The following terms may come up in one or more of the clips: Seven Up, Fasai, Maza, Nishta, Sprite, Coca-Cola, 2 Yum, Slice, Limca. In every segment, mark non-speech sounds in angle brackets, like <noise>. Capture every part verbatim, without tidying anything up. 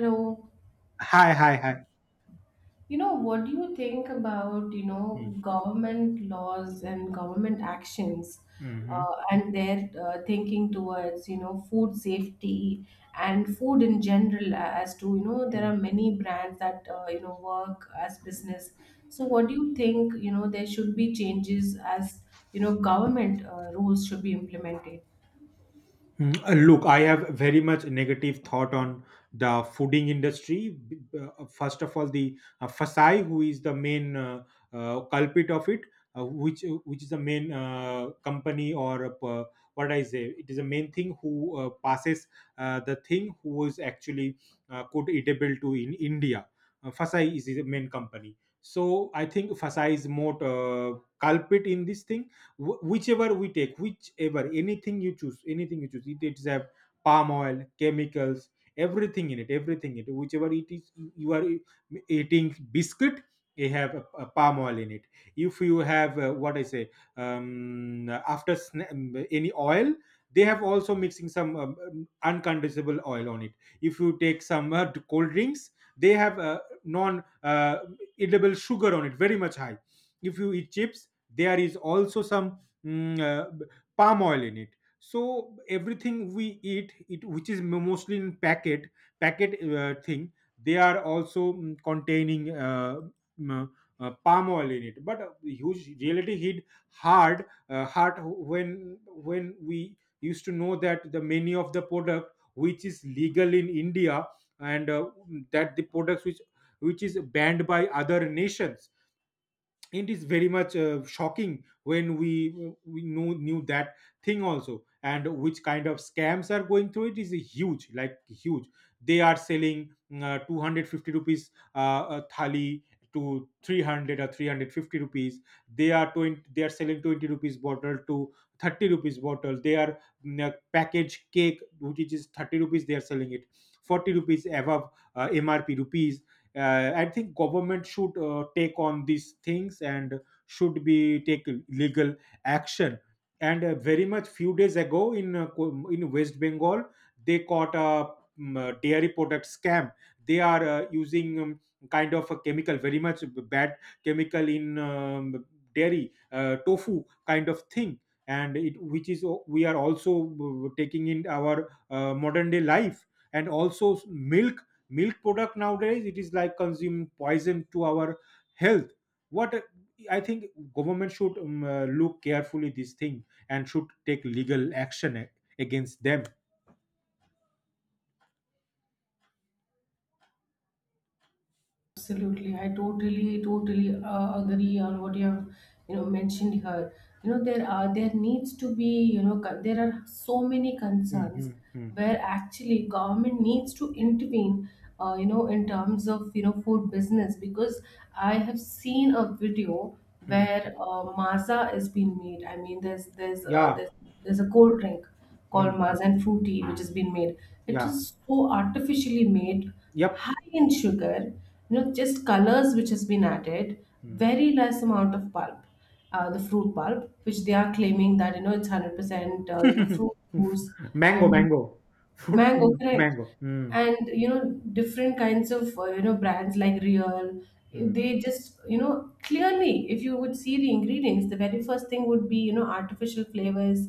So, Hi, hi, hi. you know, what do you think about, you know, Mm, government laws and government actions mhm, uh, and their uh, thinking towards, you know, food safety and food in general as to, you know, there mm. are many brands that, uh, you know, work as business. So what do you think, you know, there should be changes as, you know, government uh, rules should be implemented? Mm, uh, Look, I have very much negative thought on the fooding industry. B- uh, First of all, the uh, Fasai, who is the main uh, uh, culprit of it, uh, which uh, which is the main uh, company or uh, what I say, it is the main thing who uh, passes uh, the thing who was actually uh, could eatable to in India. Uh, Fasai is the main company. So I think Fasai is more uh, culprit in this thing. Wh- whichever we take, whichever anything you choose, anything you choose, it, it's have palm oil, chemicals, everything in it, everything in it, whichever it is, you are eating biscuit, you have a, a palm oil in it. If you have uh, what I say, um, after sna- um, any oil, they have also mixing some um, um, uncondensable oil on it. If you take some uh, cold drinks, they have uh, non uh, edible sugar on it very much high. If you eat chips, there is also some mm, uh, b- palm oil in it, so everything we eat it, which is mo- mostly in packet, packet uh, thing, they are also mm, containing uh, mm, uh, palm oil in it. But uh, huge reality hit hard uh, hard when when we used to know that the many of the product which is legal in India, and uh, that the products which which is banned by other nations. It is very much uh, shocking when we we knew knew that thing also, and which kind of scams are going through, it is huge like huge. They are selling mm, uh, 250 rupees uh, a thali to three hundred or three hundred fifty rupees. They are twenty they are selling twenty rupees bottle to thirty rupees bottle. They are mm, uh, package cake, which is thirty rupees, they are selling it forty rupees above uh, MRP rupees. uh, I think government should uh, take on these things and should be take legal action. And uh, very much few days ago in uh, Ko- in west Bengal, they caught a um, uh, dairy product scam. They are uh, using um, kind of a chemical, very much bad chemical in um, dairy uh, tofu kind of thing, and it, which is o- we are also uh, taking in our uh, modern day life. And also milk milk product nowadays it is like consuming poison to our health. What I think, government should um, uh, look carefully this thing and should take legal action a- against them. Absolutely, I totally, totally uh, agree on what you have, you know, mentioned here. You know, there are there needs to be, you know, co- there are so many Mm, concerns mm, mm, where actually government needs to intervene, uh, you know, in terms of you know food business because I have seen a video mm. where uh, Maza is being made. I mean, there's there's uh, Yeah. there's there's a cold drink Mm, called mm. Maza and Fruity which has been made. It Yeah. is so artificially made, Yep. high in sugar, you know, just colors which has been added, Mm. very less amount of pulp, uh, the fruit pulp, which they are claiming that you know it's hundred percent, uh, you know, fruit <laughs> juice Mango, and mango, fruit, mango, mm, correct? mango. Mm, And you know, different kinds of uh, you know brands like Real, mm, they just you know clearly, if you would see the ingredients, the very first thing would be you know artificial flavors.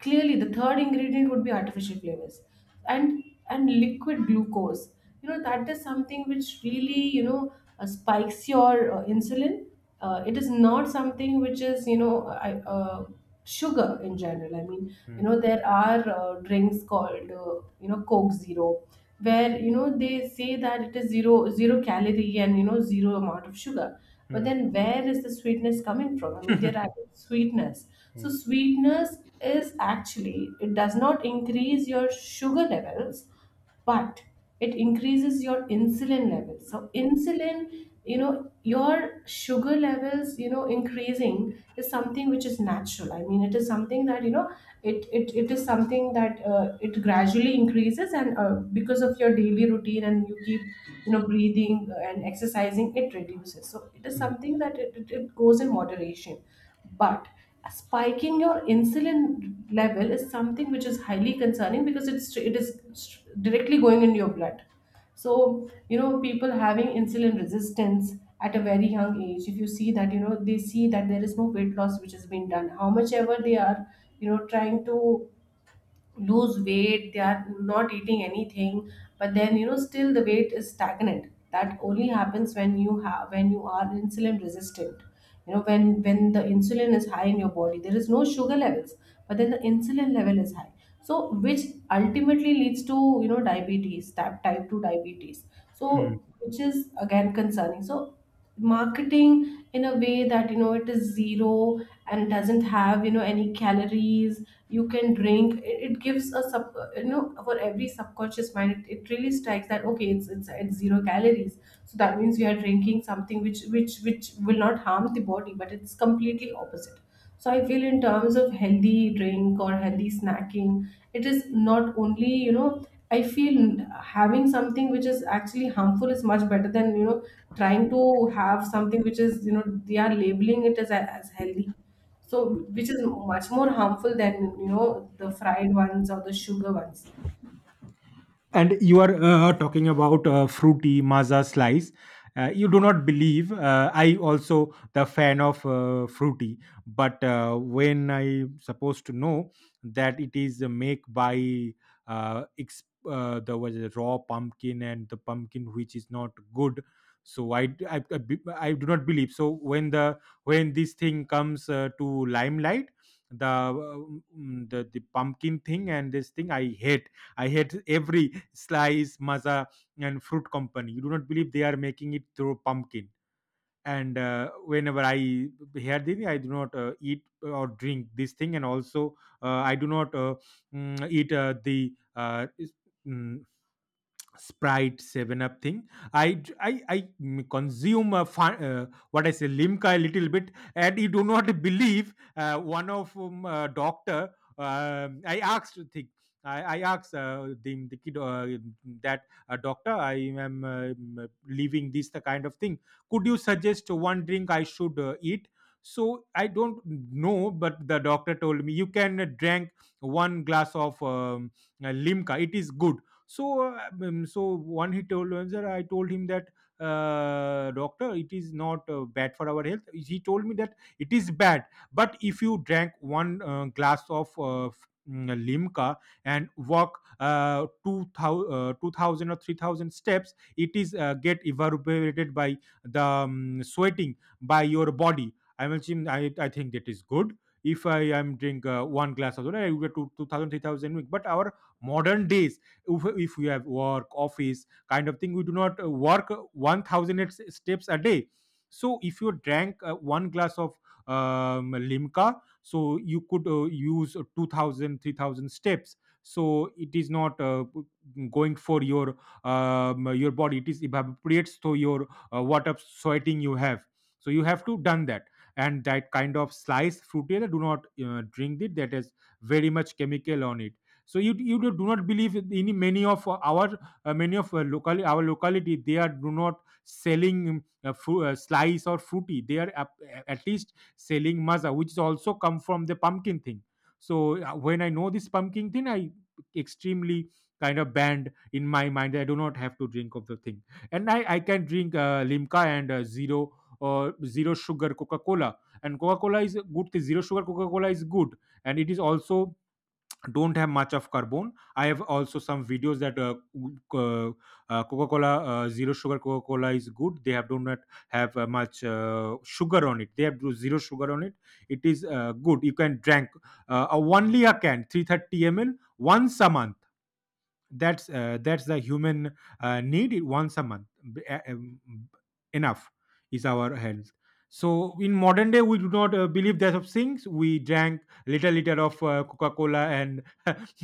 Clearly, the third ingredient would be artificial flavors and and liquid glucose. You know that is something which really you know uh, spikes your uh, insulin. Uh, it is not something which is you know I, uh, sugar in general. i mean you mm, know there are uh, drinks called uh, you know coke zero where you know they say that it is zero zero calorie and you know zero amount of sugar, but mm, then where is the sweetness coming from? I mean, they're adding sweetness, so mm, sweetness is actually, it does not increase your sugar levels, but it increases your insulin levels. So insulin, you know, your sugar levels, you know, increasing is something which is natural. I mean, it is something that you know, it it, it is something that uh, it gradually increases, and uh, because of your daily routine and you keep you know breathing and exercising, it reduces. So it is mm, something that it, it, it goes in moderation, but spiking your insulin level is something which is highly concerning because it's it is directly going in your blood. So you know people having insulin resistance at a very young age, if you see that you know they see that there is no weight loss which has been done, how much ever they are you know trying to lose weight, they are not eating anything, but then you know still the weight is stagnant. That only happens when you have when you are insulin resistant. You know when when the insulin is high in your body, there is no sugar levels, but then the insulin level is high, so which ultimately leads to you know diabetes, type type two diabetes, mm. so which is again concerning. So marketing in a way that you know it is zero and it doesn't have you know any calories, you can drink it. It gives a sub you know for every subconscious mind, it, it really strikes that okay, it's, it's it's zero calories, so that means we are drinking something which which which will not harm the body, but it's completely opposite. So I feel in terms of healthy drink or healthy snacking, it is not only you know I feel having something which is actually harmful is much better than you know trying to have something which is you know they are labeling it as as healthy, so which is much more harmful than you know the fried ones or the sugar ones. And you are uh, uh, talking about uh, Fruity, Maza, Slice. Uh, you do not believe. Uh, I also the fan of uh, Fruity, but uh, when I supposed to know that it is uh, make by uh, ex- uh, there was a raw pumpkin and the pumpkin, which is not good. So I I, I be- I do not believe. So when the when this thing comes uh, to limelight, the, uh, mm, the the pumpkin thing, and this thing I hate. I hate every Slice, Maza, and Fruit company. You do not believe they are making it through pumpkin. And uh, whenever I hear this, I do not uh, eat or drink this thing. And also, uh, I do not uh, mm, eat uh, the uh, is- mm, Sprite, Seven Up thing. I I I consume a fi- uh, what I say Limca a little bit, and you do not <laughs> believe uh, one of um, uh, doctor. um I asked thing. I, I asked uh, the, the kid uh, that uh, doctor, I am uh, mm, leaving this the kind of thing. Could you suggest one drink I should uh, eat? So I don't know, but the doctor told me you can drink one glass of um, uh, Limca. It is good. So, uh, um, so one he told him that I told him that, uh, doctor, it is not uh, bad for our health. He told me that it is bad, but if you drank one uh, glass of uh, f- mm, limca and walk uh, two thousand, uh, two thousand or three thousand steps, it is uh, get evaporated by the um, sweating by your body. I mean, I, I think that is good. If I am drink uh, one glass of water, I will get to two thousand week. But our modern days, if, if we have work office kind of thing, we do not uh, work one thousand steps a day. So if you drank uh, one glass of um, limca, so you could uh, use two thousand, three thousand steps. So it is not uh, going for your um, your body, it is evaporates to your uh, what of sweating you have. So you have to done that. And that kind of sliced fruit here, do not uh, drink it, that has very much chemical on it. So you you do do not believe in many of our uh, many of our locality our locality, they are do not selling um, uh, fru- uh, slice or fruity, they are ap- at least selling maza, which is also come from the pumpkin thing. So uh, when I know this pumpkin thing, I extremely kind of banned in my mind that I do not have to drink of the thing. And i i can drink uh, limca and uh, zero or zero sugar Coca Cola. And Coca Cola is a good thing, zero sugar Coca Cola is good, and it is also don't have much of carbon. I have also some videos that uh, co- uh, coca-cola, uh, zero sugar coca-cola is good. They have do not have uh, much uh, sugar on it, they have zero sugar on it. It is uh, good, you can drink uh, a only a can three hundred thirty milliliters once a month. That's uh, that's the human uh, need it once a month. B- uh, um, Enough is our health. So in modern day, we do not uh, believe that of things, we drank little liter of uh, coca-cola and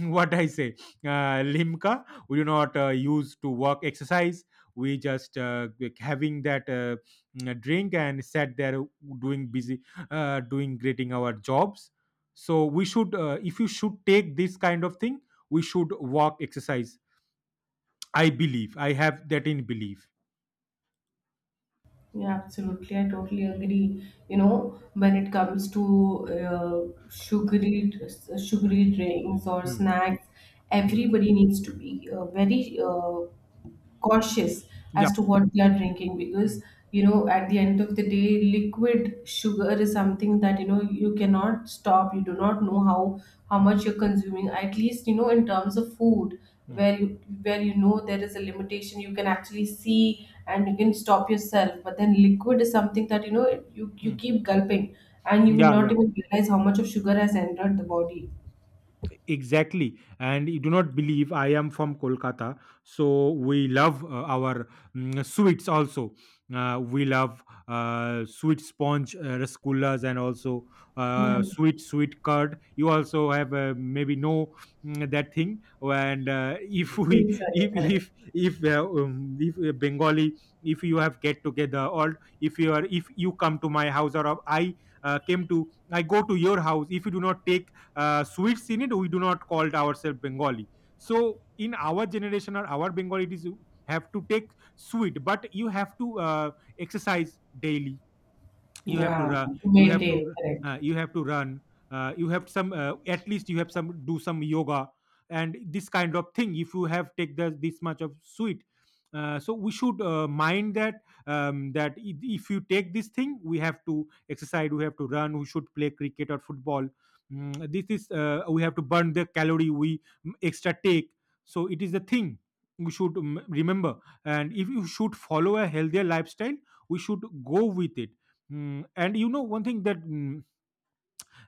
<laughs> what I say uh, limca, we do not uh, use to work exercise. We just uh, like having that uh, mm, drink and sat there doing busy, uh, doing greeting our jobs. So we should, uh, if you should take this kind of thing, we should walk, exercise. I believe I have that in belief. Yeah, absolutely. I totally agree. You know, when it comes to uh, sugary sugary drinks or Mm, snacks, mm. everybody needs to be uh, very uh, cautious as Yep. to what they are drinking Mm, because you know at the end of the day, liquid sugar is something that you know you cannot stop. You do not know how how mm, much you're consuming, at least you know in terms of food mm, where you where you know there is a limitation, you can actually see and you can stop yourself, but then liquid is something that you know you you mm. keep gulping and you will not Yeah. even realize how much of sugar has entered the body. Exactly. And you do not believe, I am from Kolkata. So we love uh, our mm, sweets also. Uh, we love uh, sweet sponge uh, rasgullas and also Yeah, uh, sweet sweet curd. You also have uh, maybe know mm, that thing. And uh, <laughs> if sweet we side, if correct. if if uh, um, if uh, Bengali, if you have get together or if you are, if you come to my house or I uh, came to I go to your house, if you do not take uh, sweets in it, we do not call it ourselves Bengali. So in our generation, or our Bengali, it is you have to take sweet, but you have to uh, exercise daily. You have to Yeah, run, to you have maintain, to correct. uh, you have to run, uh, you have some uh, at least you have some, do some yoga. And this kind of thing, if you have take the, this much of sweet. Uh, so we should uh, mind that, um, that i- if you take this thing, we have to exercise, we have to run, we should play cricket or football. Mm, this is uh, we have to burn the calorie we mm, extra take. So it is the thing we should mm, remember. And if you should follow a healthier lifestyle, we should go with it. Mm, and you know one thing, that mm,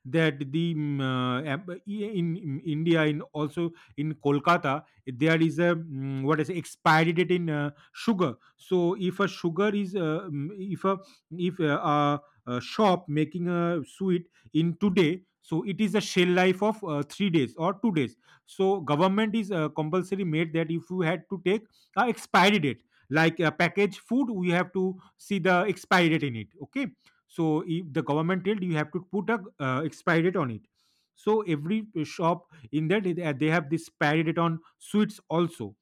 that the mm, uh, ab- i- in, in India, in also in Kolkata, there is a mm, what is expiry date in uh, sugar. So if a sugar is uh, mm, if a if a, uh a shop making a sweet in today, so it is a shell life of uh, three days or two days. So government is uh, compulsory made that if you had to take a expiry date like a packaged food, we have to see the expiry date in it. Okay, so if the government told you have to put a uh, expiry date on it. So every shop in that they they have this expiry date on sweets also.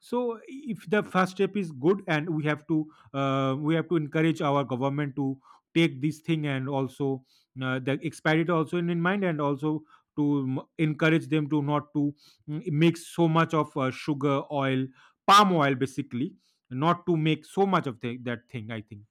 So if the first step is good, and we have to uh, we have to encourage our government to take this thing, and also uh, the expiry date also in, in mind, and also to m- encourage them to not to mm, make so much of uh, sugar oil, palm oil basically. Not to make so much of the, that thing, I think.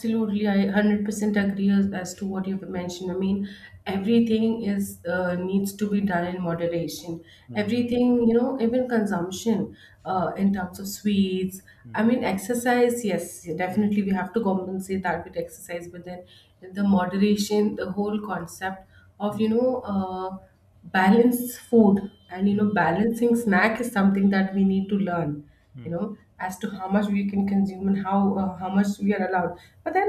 Absolutely, I hundred percent agree as, as to what you've mentioned. I mean, everything is uh, needs to be done in moderation. Hmm. Everything, you know, even consumption uh, in terms of sweets. Mm. I mean, exercise, yes, Mm, definitely we have to compensate that with exercise, but then the moderation, the whole concept of, you mm, know, uh, balanced food and, you know, mm, balancing snack is something that we need to learn, you mm, know as to how much we can consume and how uh, how much we are allowed. But then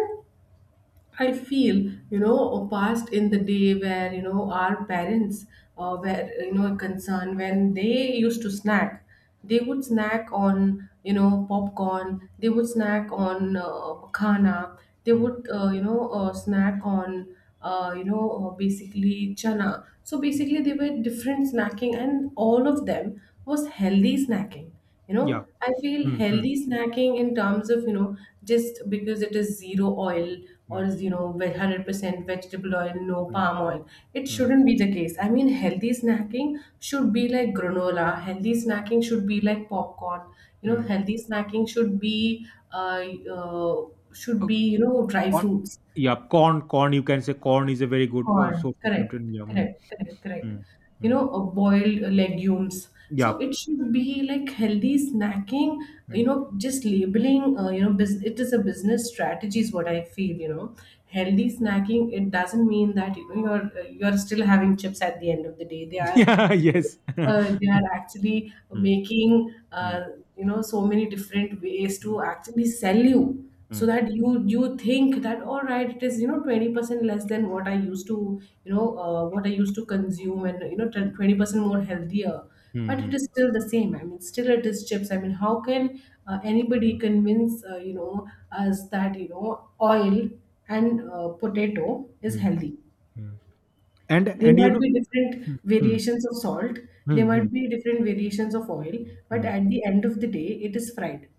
I feel you know past in the day where you know our parents uh, were you know concerned, when they used to snack, they would snack on you know popcorn, they would snack on uh, khana, they mm. would uh, you know uh, snack on uh, you know uh, basically chana. So basically, they were different snacking and all of them was healthy snacking. you know Yeah. i feel Mm, mm, healthy snacking in terms of you know just because it is zero oil or mm, is, you know ve- hundred percent vegetable oil, no mm, palm oil, it mm, shouldn't be the case. I mean, healthy snacking should be like granola, healthy snacking should be like popcorn, you know mm. healthy snacking should be uh, uh should Uh, be you know dry Corn, fruits. yeah, corn, corn. You can say corn is a very good uh, Corn. source of Correct, nutrient. Yeah. Mm, correct, correct, correct. mm, You mm. know, uh, boiled uh, legumes. So Yeah. it should be like healthy snacking, you Mm. know, just labeling, uh, you know, bus- it is a business strategy is what I feel, you know. Healthy snacking, it doesn't mean that, you know, you're, uh, you're still having chips at the end of the day. They <laughs> are Yeah. Yes. uh, they <laughs> are actually Mm, making uh, mm, you know so many different ways to mm, actually sell you, so mm, that you you think that, all right, it is you know twenty percent less than what I used to you know uh, what I used to consume, and you know twenty percent more healthier. But it mm, is still the same. I mean, still it is chips. I mean, how can uh, anybody convince uh, you know us that you know oil and uh, potato is mm, healthy? mm. And There and you might know. be different Mm, variations of salt, mm, there mm, might be different variations of oil, but mm. at the end of the day, it is fried.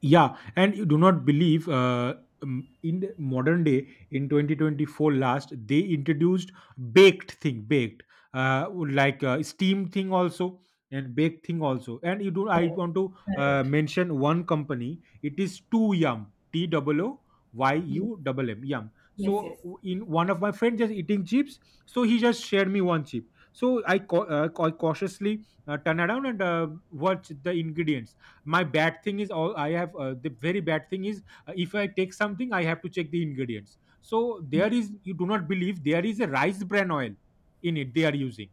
Yeah, and you do not believe uh, um, in the modern day in twenty twenty-four last, they introduced baked thing, baked uh, like uh, steam thing also, and baked thing also. And you do I want to uh, Correct. mention one company. It is two yum, t double o, y Yes, u double m, yum. yes, yes. So w- in one of my friends just eating chips, so he just shared me one chip. So i, cau- uh, cau- cautiously uh, turn around and uh, watch the ingredients. My bad thing is, all I have, uh, the very bad thing is, uh, if I take something, I have to check the ingredients. So there is, you do not believe, there is a rice bran oil in it they are using.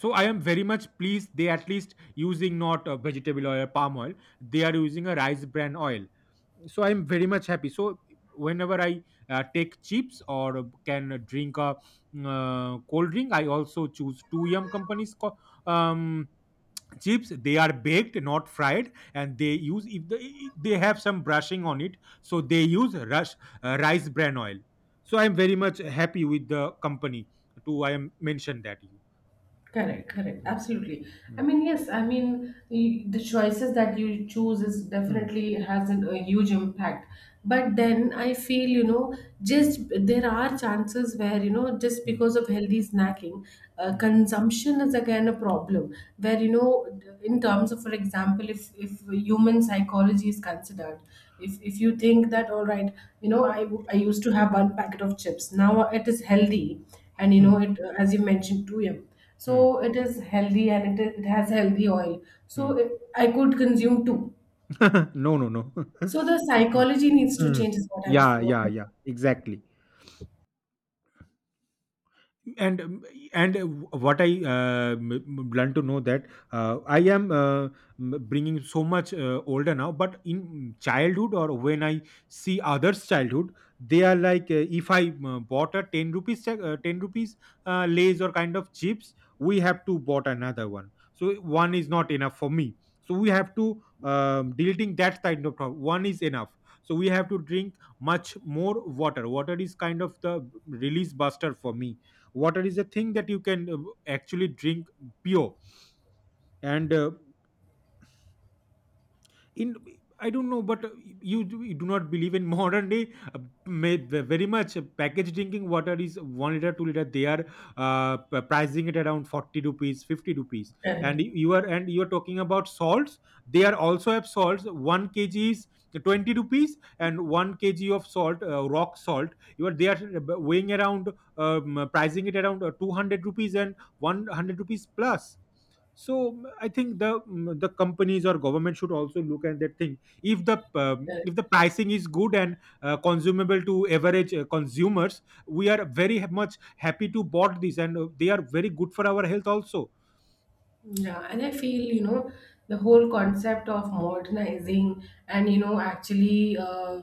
So I am very much pleased they at least using not uh, vegetable oil or palm oil. They are using a rice bran oil, so I am very much happy. So whenever I uh, take chips or uh, can drink a uh, cold drink, I also choose two yum companies co- um chips. They are baked, not fried, and they use, if they, they have some brushing on it, so they use rush uh, rice bran oil. So I'm very much happy with the company to I am mentioned that you. Correct, correct, absolutely. I Mm, mean, yes, I mean, y- the choices that you choose is mm, definitely has an, a huge impact. But then I feel, you know, mm, just there are chances where, you know, just mm, because of healthy snacking, uh, mm, consumption is again a problem. Where, you know, in terms of, for example, if, if human psychology is considered, if, if you think that, all right, you know, I, I used to have one packet of chips, now it is healthy. And, you know, mm, it, as you mentioned, two M, mm, mm, so it is healthy and it, it has healthy oil, so it, I could consume two. mm. <laughs> No, no, no. <laughs> So the Mm, psychology needs to mm. change is what i'm Yeah, what yeah, I'm yeah, saying. exactly. And um, and uh, what I uh, learned to know that uh, I am uh, bringing so much uh, older now. But in childhood, or when I see others childhood, they are like uh, if I uh, bought a ten rupees cha- uh, ten rupees uh, lays or kind of chips, we have to bought another one. So one is not enough for me, so we have to um, deleting that kind of problem. One is enough. So we have to drink much more water. Water is kind of the release buster for me. Water is a thing that you can uh, actually drink pure. And uh, in I don't know, but uh, you, do- you do not believe in <laughs> modern day. Uh, may, very much uh, packaged drinking water is one liter, two liter. They are uh, p- pricing it around forty rupees, fifty rupees. and Correct, you you are and you are talking about salts. They are also have salts. One kg is twenty rupees, and one kg of salt, uh, rock salt. You are they are weighing around, um, pricing it around uh, two hundred rupees and one hundred rupees plus. So mm, I think the mm, the companies or government should also look at that thing, if the um, correct. if the pricing is good, and uh, consumable to average uh, consumers, we are very ha- much happy to bought this, and uh, they are very good for our health also. Yeah, and I feel, you know, the Mm, whole concept of modernizing and, you know, actually uh,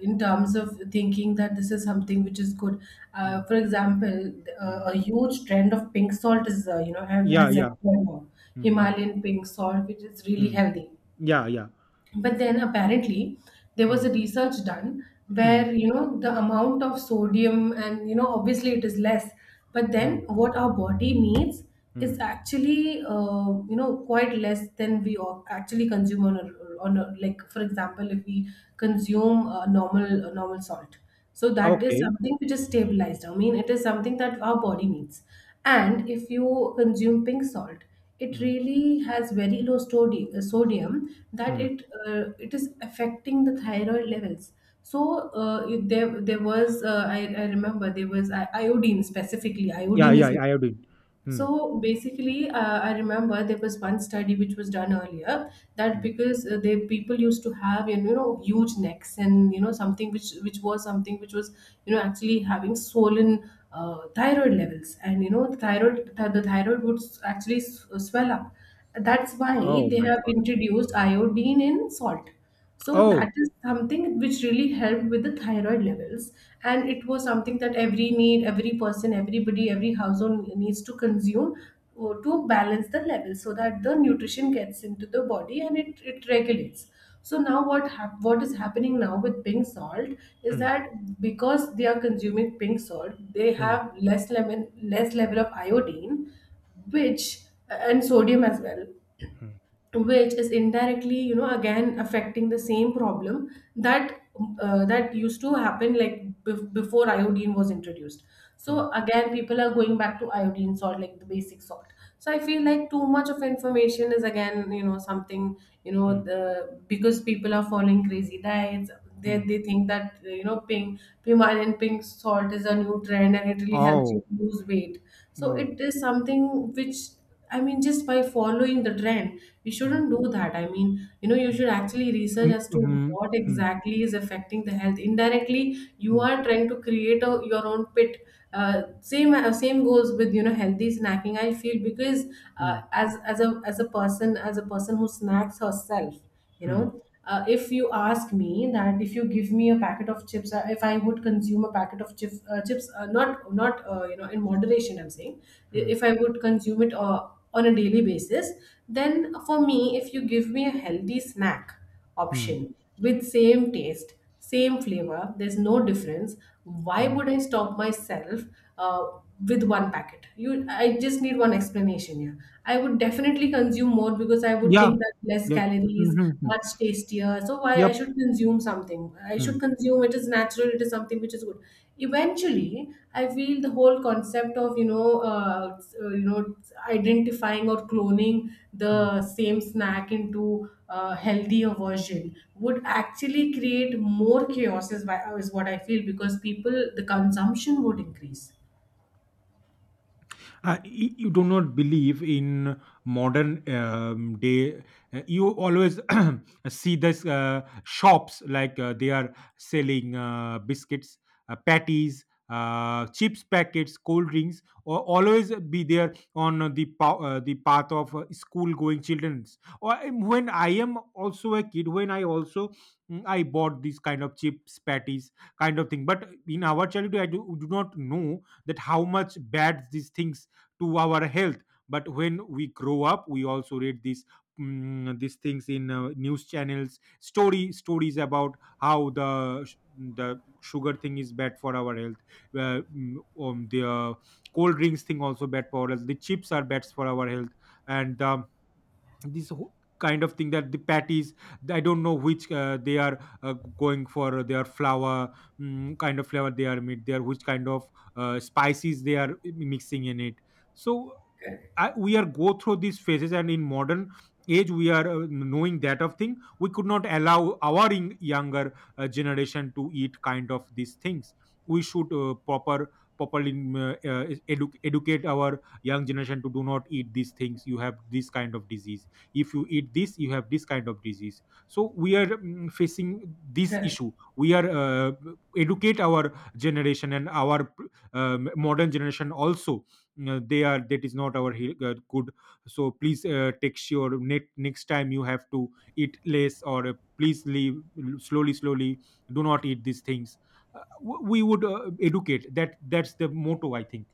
in terms of thinking that this is something which is good. Uh, mm, for example, uh, mm, a huge trend of pink salt is, uh, you know, has, yeah, has yeah, entered now. mm, mm, Himalayan pink salt, which is really mm, healthy, yeah, yeah, but then apparently there was a mm, research done mm, where you know the amount of sodium and you know obviously it is less, but then mm, what our body needs is mm, actually uh, you know quite less than we o- actually consume on a, on a, like for example, if we consume a normal a normal salt, so that is okay, something which is stabilized. I mean, it is something that our body needs. And if you consume pink salt, it mm, really has very low stodi- uh, sodium, that mm. it uh, it is affecting the thyroid levels. So uh, if there there was uh, I, I remember there was i- iodine, specifically Yeah, iodine yeah, is. I have been. Hmm. So basically, uh, I remember there was one study which was done earlier that Hmm. because uh, they people used to have you know huge necks and you know something which which was something which was you know actually having swollen uh, thyroid levels, and you know the thyroid th- the thyroid would s- actually s- swell up. That's why Oh they my have god. introduced iodine in salt. So Oh. that is something which really helped with the thyroid levels. And it was something that every need, every person, everybody, every household needs to consume uh, to balance the level so that the nutrition gets into the body and it, it regulates. So now what hap- what is happening now with pink salt is Hmm. that because they are consuming pink salt, they Hmm. have less lemon, less level of iodine, which and sodium as well, Hmm. which is indirectly you know again affecting the same problem that uh, that used to happen like bef- before iodine was introduced. Hmm. So again people are going back to iodine salt, like the basic salt. So I feel like too much of information is again you know something. you Hmm. know the because people are following crazy diets, they, Hmm. they think that you know pink pimal and pink salt is a new trend and it really helps you Oh. lose weight. So Oh. it is something which, I mean, just by following the trend, we Mm, shouldn't do that. I mean, you know, you should actually research mm, as to mm, what mhm, exactly is affecting the health. Indirectly, you mm, are trying to create a, your own pit. Uh, same uh, same goes with you know healthy snacking. I feel because mm, uh, mm, as as a as a person as a person who snacks herself. you mm, know uh, if you ask me that if you give me a packet of chips, uh, if I would consume a packet of chips, uh, chips uh, not not uh, you know in moderation, I'm saying, mm, if I would consume it uh, on a daily basis, then for me, if you give me a healthy snack mm, option with same taste, same flavor, there's no difference. Why mm. would I stop myself? uh, with one packet you I just need one explanation here. I would definitely consume more because I would Yeah. think that less Yep. calories, Mhm, mm. much tastier, so why I Yep. should consume something? I should Mm, consume It is natural. It is something which is good. Eventually, I feel the whole concept of you know uh, you know identifying or cloning mm. the same snack into uh, healthier version would actually create more chaos, is, why, is what I feel, because people, the consumption would increase. Uh, y- you do not believe in modern um, day. Uh, you always <coughs> <clears throat> see this uh, shops like uh, they are selling uh, biscuits, uh, patties, uh, chips packets, cold drinks, or always be there on the pa- uh, the path of uh, school going children's. Or um, when I am also a kid, when I also mm, I bought these kind of chips, patties kind of thing. But in our childhood, I do, do not know that how much bad these things to our health. But when we grow up, we also read these mm, these things in uh, news channels, story stories about how the sh- the sugar thing is bad for our health. Uh, mm, um, the uh, cold drinks thing also bad for us, the chips are bad for our health. And um, this whole kind of thing, that the patties, I don't know which uh, they are uh, going for their flour, mm, kind of flour they are made there, which kind of uh, spices they are uh, mixing in it. So Correct. I, we are go through these phases, and in modern age, we are uh, knowing that of thing, we could not allow our in, younger uh, generation to eat kind of these things. We should uh, proper properly mm, uh, uh, edu- educate our young generation to do not eat these things. You have this kind of disease. If you eat this, you have this kind of disease. So we are mm, facing this Correct. issue. We are uh, educate our generation and our um, modern generation also. Mm. Uh, they are that is not our he- uh, good. So please uh, take sure, ne- next time you have to eat less, or uh, please leave slowly slowly, do not eat these things. Uh, w- we would uh, educate that. That's the motto, I think.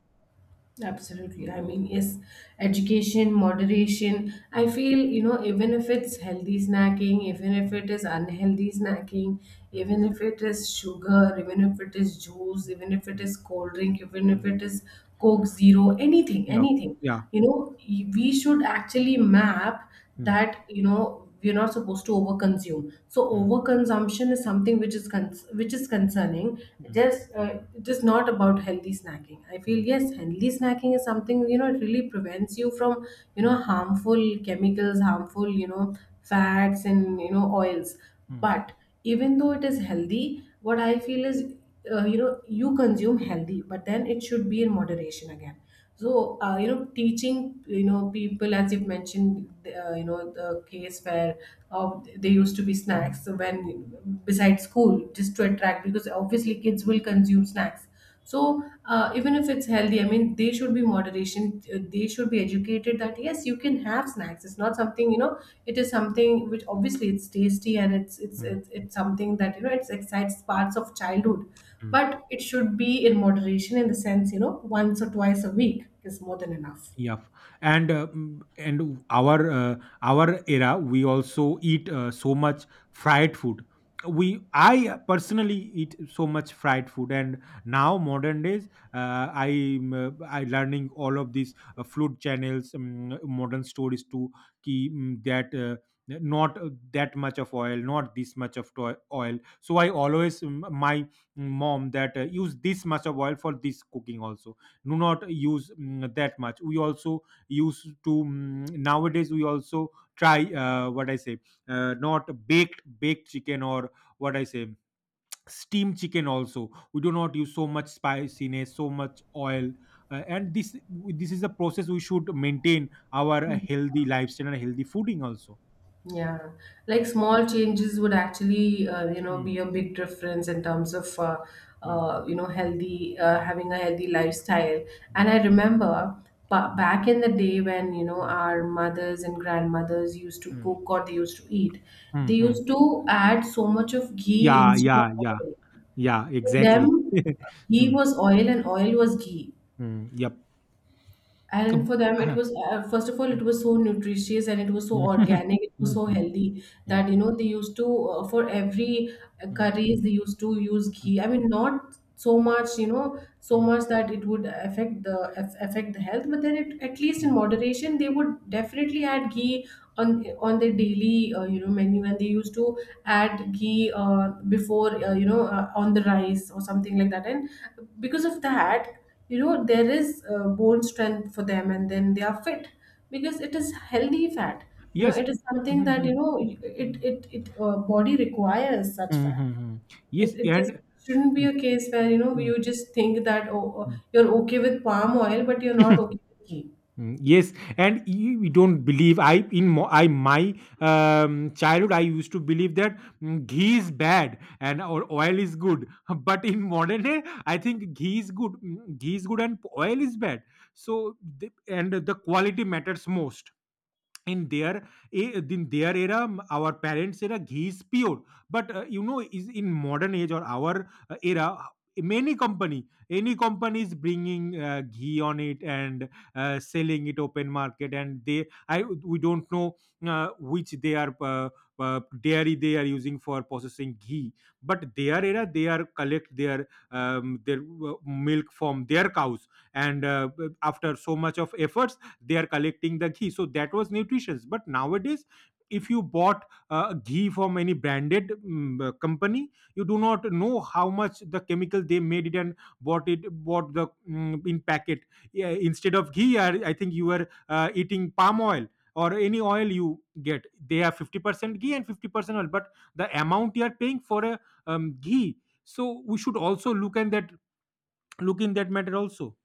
Absolutely. I mean, yes, education, moderation. I Mm, feel, you know, even if it's healthy snacking, even if mm, it is unhealthy snacking, even mm, if it is sugar, even if it is juice, even if it mm, is cold drink, even if mm. it is Coke Zero, anything, Yeah, anything, yeah. you know, y- we should actually map Mm, that, you know, we're not supposed to overconsume. So mm, overconsumption is something which is con- which is concerning. mm, Just uh, it is not about healthy snacking. I feel, mm. yes, healthy snacking is something, you know it really prevents you from you know Mm, harmful chemicals, harmful, you know fats and you know oils. mm, But even though it is healthy, what I feel is, uh, you know you consume healthy, but then it should be in moderation again. So uh, you know teaching, you know people, as you've mentioned, uh, you know the case where uh, there used to be snacks when besides school, just to attract, because obviously kids will consume snacks. So uh, even if it's healthy, I mean they should be moderation. Uh, they should be educated that yes, you can have snacks. It's not something, you know it is something which obviously it's tasty and it's it's mm, it's, it's something that you know it's excites parts of childhood, mm. but it should be in moderation, in the sense, you know once or twice a week is more than enough. Yeah, and uh, mm, and our uh, our era, we also eat uh, so much fried food. We I personally eat so much fried food. And now modern days, uh, I uh, I learning all of these uh, food channels, um, modern stories too. Ki, mm, that. Uh, not uh, that much of oil, not this much of toi- oil. So I always mm, my mom that uh, use this much of oil for this cooking also, do not use mm, that much. We also used to mm, nowadays, we also try uh, what I say, uh, not baked baked chicken, or what I say, steamed chicken also. We do not use so much spiciness, so much oil. Uh, and this this is a process. We should maintain our uh, healthy lifestyle and healthy fooding also. Yeah, like small changes would actually, uh, you know Mm, be a big difference in terms of uh, mm, uh, you know healthy uh, mm, having a healthy lifestyle. And mm, I remember ba- mm, back in the day when, you know mm, our mothers and grandmothers used to mm, cook, or they used to eat. They mm, mm. used to add so much of ghee Yeah, instead yeah, of yeah. oil. Yeah, For exactly. them, <laughs> ghee Mm, was oil and oil was ghee. mm, yep. Kab, And for them it ah, was, uh, first of all, it mm. was so nutritious and it was so <laughs> organic, it was so Mhm, mm, healthy mm, that, you know they used to, uh, for every uh, mm, curries, they used to use ghee. I mean, not so much, you know so mm, much that it would affect the aff- affect the health, but then it, at least in mm. moderation, they would definitely add ghee on on their daily, uh, you know menu. And they used to add ghee uh, before, uh, you know uh, on the rice or something like that. And because of that, you know there is uh, bone strength for them, and then they are fit, because it is healthy fat. you know Yes. It is something Mhm, that, you know it mm, it, it uh, body requires mm, such fat. mhm, mm. it, Yes, it just and shouldn't be mm, a case where, you know mm, you just think that oh, oh, mm. you're okay with palm oil but you're not <laughs> okay with ghee. Mm. Yes, and you you don't believe I in mo- I my um, childhood. I used to believe that mm, ghee is bad, and or oil is good, <laughs> but in modern day, I think ghee is good, mm, ghee is good and oil is bad. So the, and the quality matters most. In their a in their era, m- our parents era, ghee is pure. But uh, you know, is in modern age or our uh, era, many company, any company is bringing uh, ghee on it, and uh, selling it open market. And they I we don't know uh, which they are uh, uh, dairy they are using for processing ghee. But their era they are collect their um, their uh, milk from their cows. And uh, after so much of efforts, they are collecting the ghee, so that was nutritious. But nowadays, if you bought uh, ghee from any branded mm, uh, company, you do not know how much the chemical they made it, and bought it bought the mm, in packet. Yeah, instead of ghee, i, I think you are uh, eating palm oil or any oil you get. They have fifty percent ghee and fifty percent oil, but the amount you are paying for a um, ghee. So we should also look at that, look in that matter also.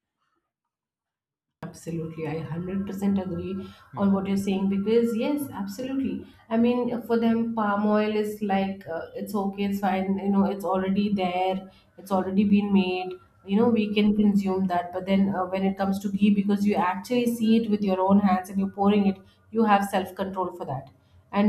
Absolutely, I one hundred percent agree on Hmm, what you're saying because, yes, hmm, absolutely. I mean, for them, palm oil is like, uh, it's okay, it's fine, you know, it's already there, it's already been made, you know, hmm, we can consume that. But then, uh, when it comes to ghee, because you actually see it with your own hands and you're pouring it, you have self control for that.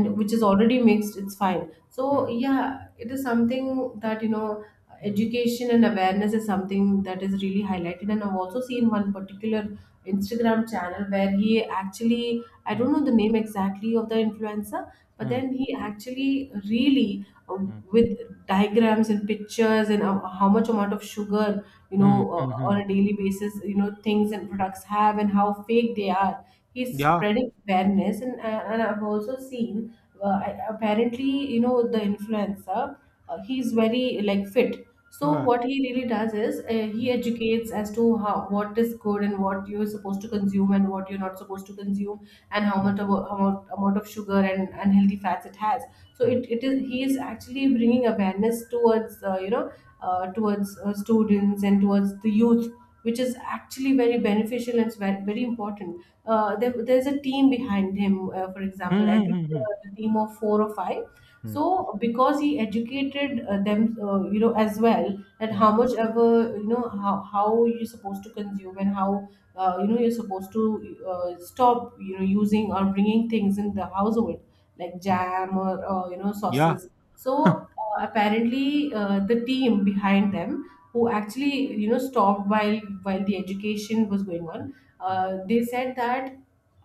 hmm, which is already mixed, it's fine. So hmm, yeah, it is something that, you know hmm, education and awareness is something that is really highlighted. And I've also seen one particular Instagram channel where he actually I hmm, don't know the name exactly of the influencer, but hmm. then he actually really, uh, Mm. with diagrams and pictures and uh, how much amount of sugar, you know Mm, uh, on a mhm. daily basis, you know things and products have, and how fake they are. He's Yeah. spreading awareness. And uh, and I've also seen, uh, I- apparently, you know the influencer, uh, he's very like fit. So Huh. what he really does is, uh, he educates as to how, what is good and what you're supposed to consume and what you're not supposed to consume, and how much of, how much amount of sugar and unhealthy fats it has. So it, it is he is actually bringing awareness towards, uh, you know uh, towards uh, students and towards the youth, which is actually very beneficial. And it's very, very important. Uh, there, there's a team behind him. Uh, for example, I Mhm, think mhm. uh, a team of four or five. Mm, So because he educated uh, them, uh, you know as well, that how mm, much ever, you know how, how you're supposed to consume and how, uh, you know you're supposed to, uh, stop, you know using or bringing things in the household like mm. jam or, uh, you know Yeah. sauces. So uh, apparently, uh, the team behind them, who actually, you know stopped, while while the education was going Mm, on, mm, uh, they said that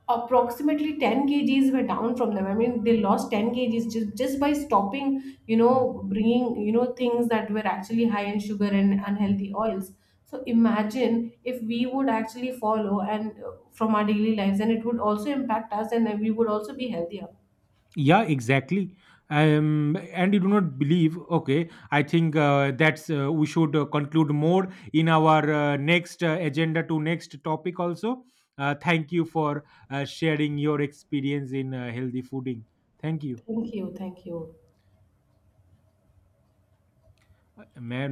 approximately ten kgs were down from them. I mean, they lost ten kgs, just, just by stopping, you mm. know bringing, you know things that were actually high in sugar and unhealthy oils. So imagine if we would actually follow and, uh, from our daily lives, and it would also impact us and we would also be healthier. Yeah, exactly. Um, and you do not believe, okay, I think uh, that's uh, we should uh, conclude more in our uh, next uh, agenda to next topic also. Uh, thank you for uh, sharing your experience in uh, healthy fooding. Thank you. Thank you, thank you. Uh, मैं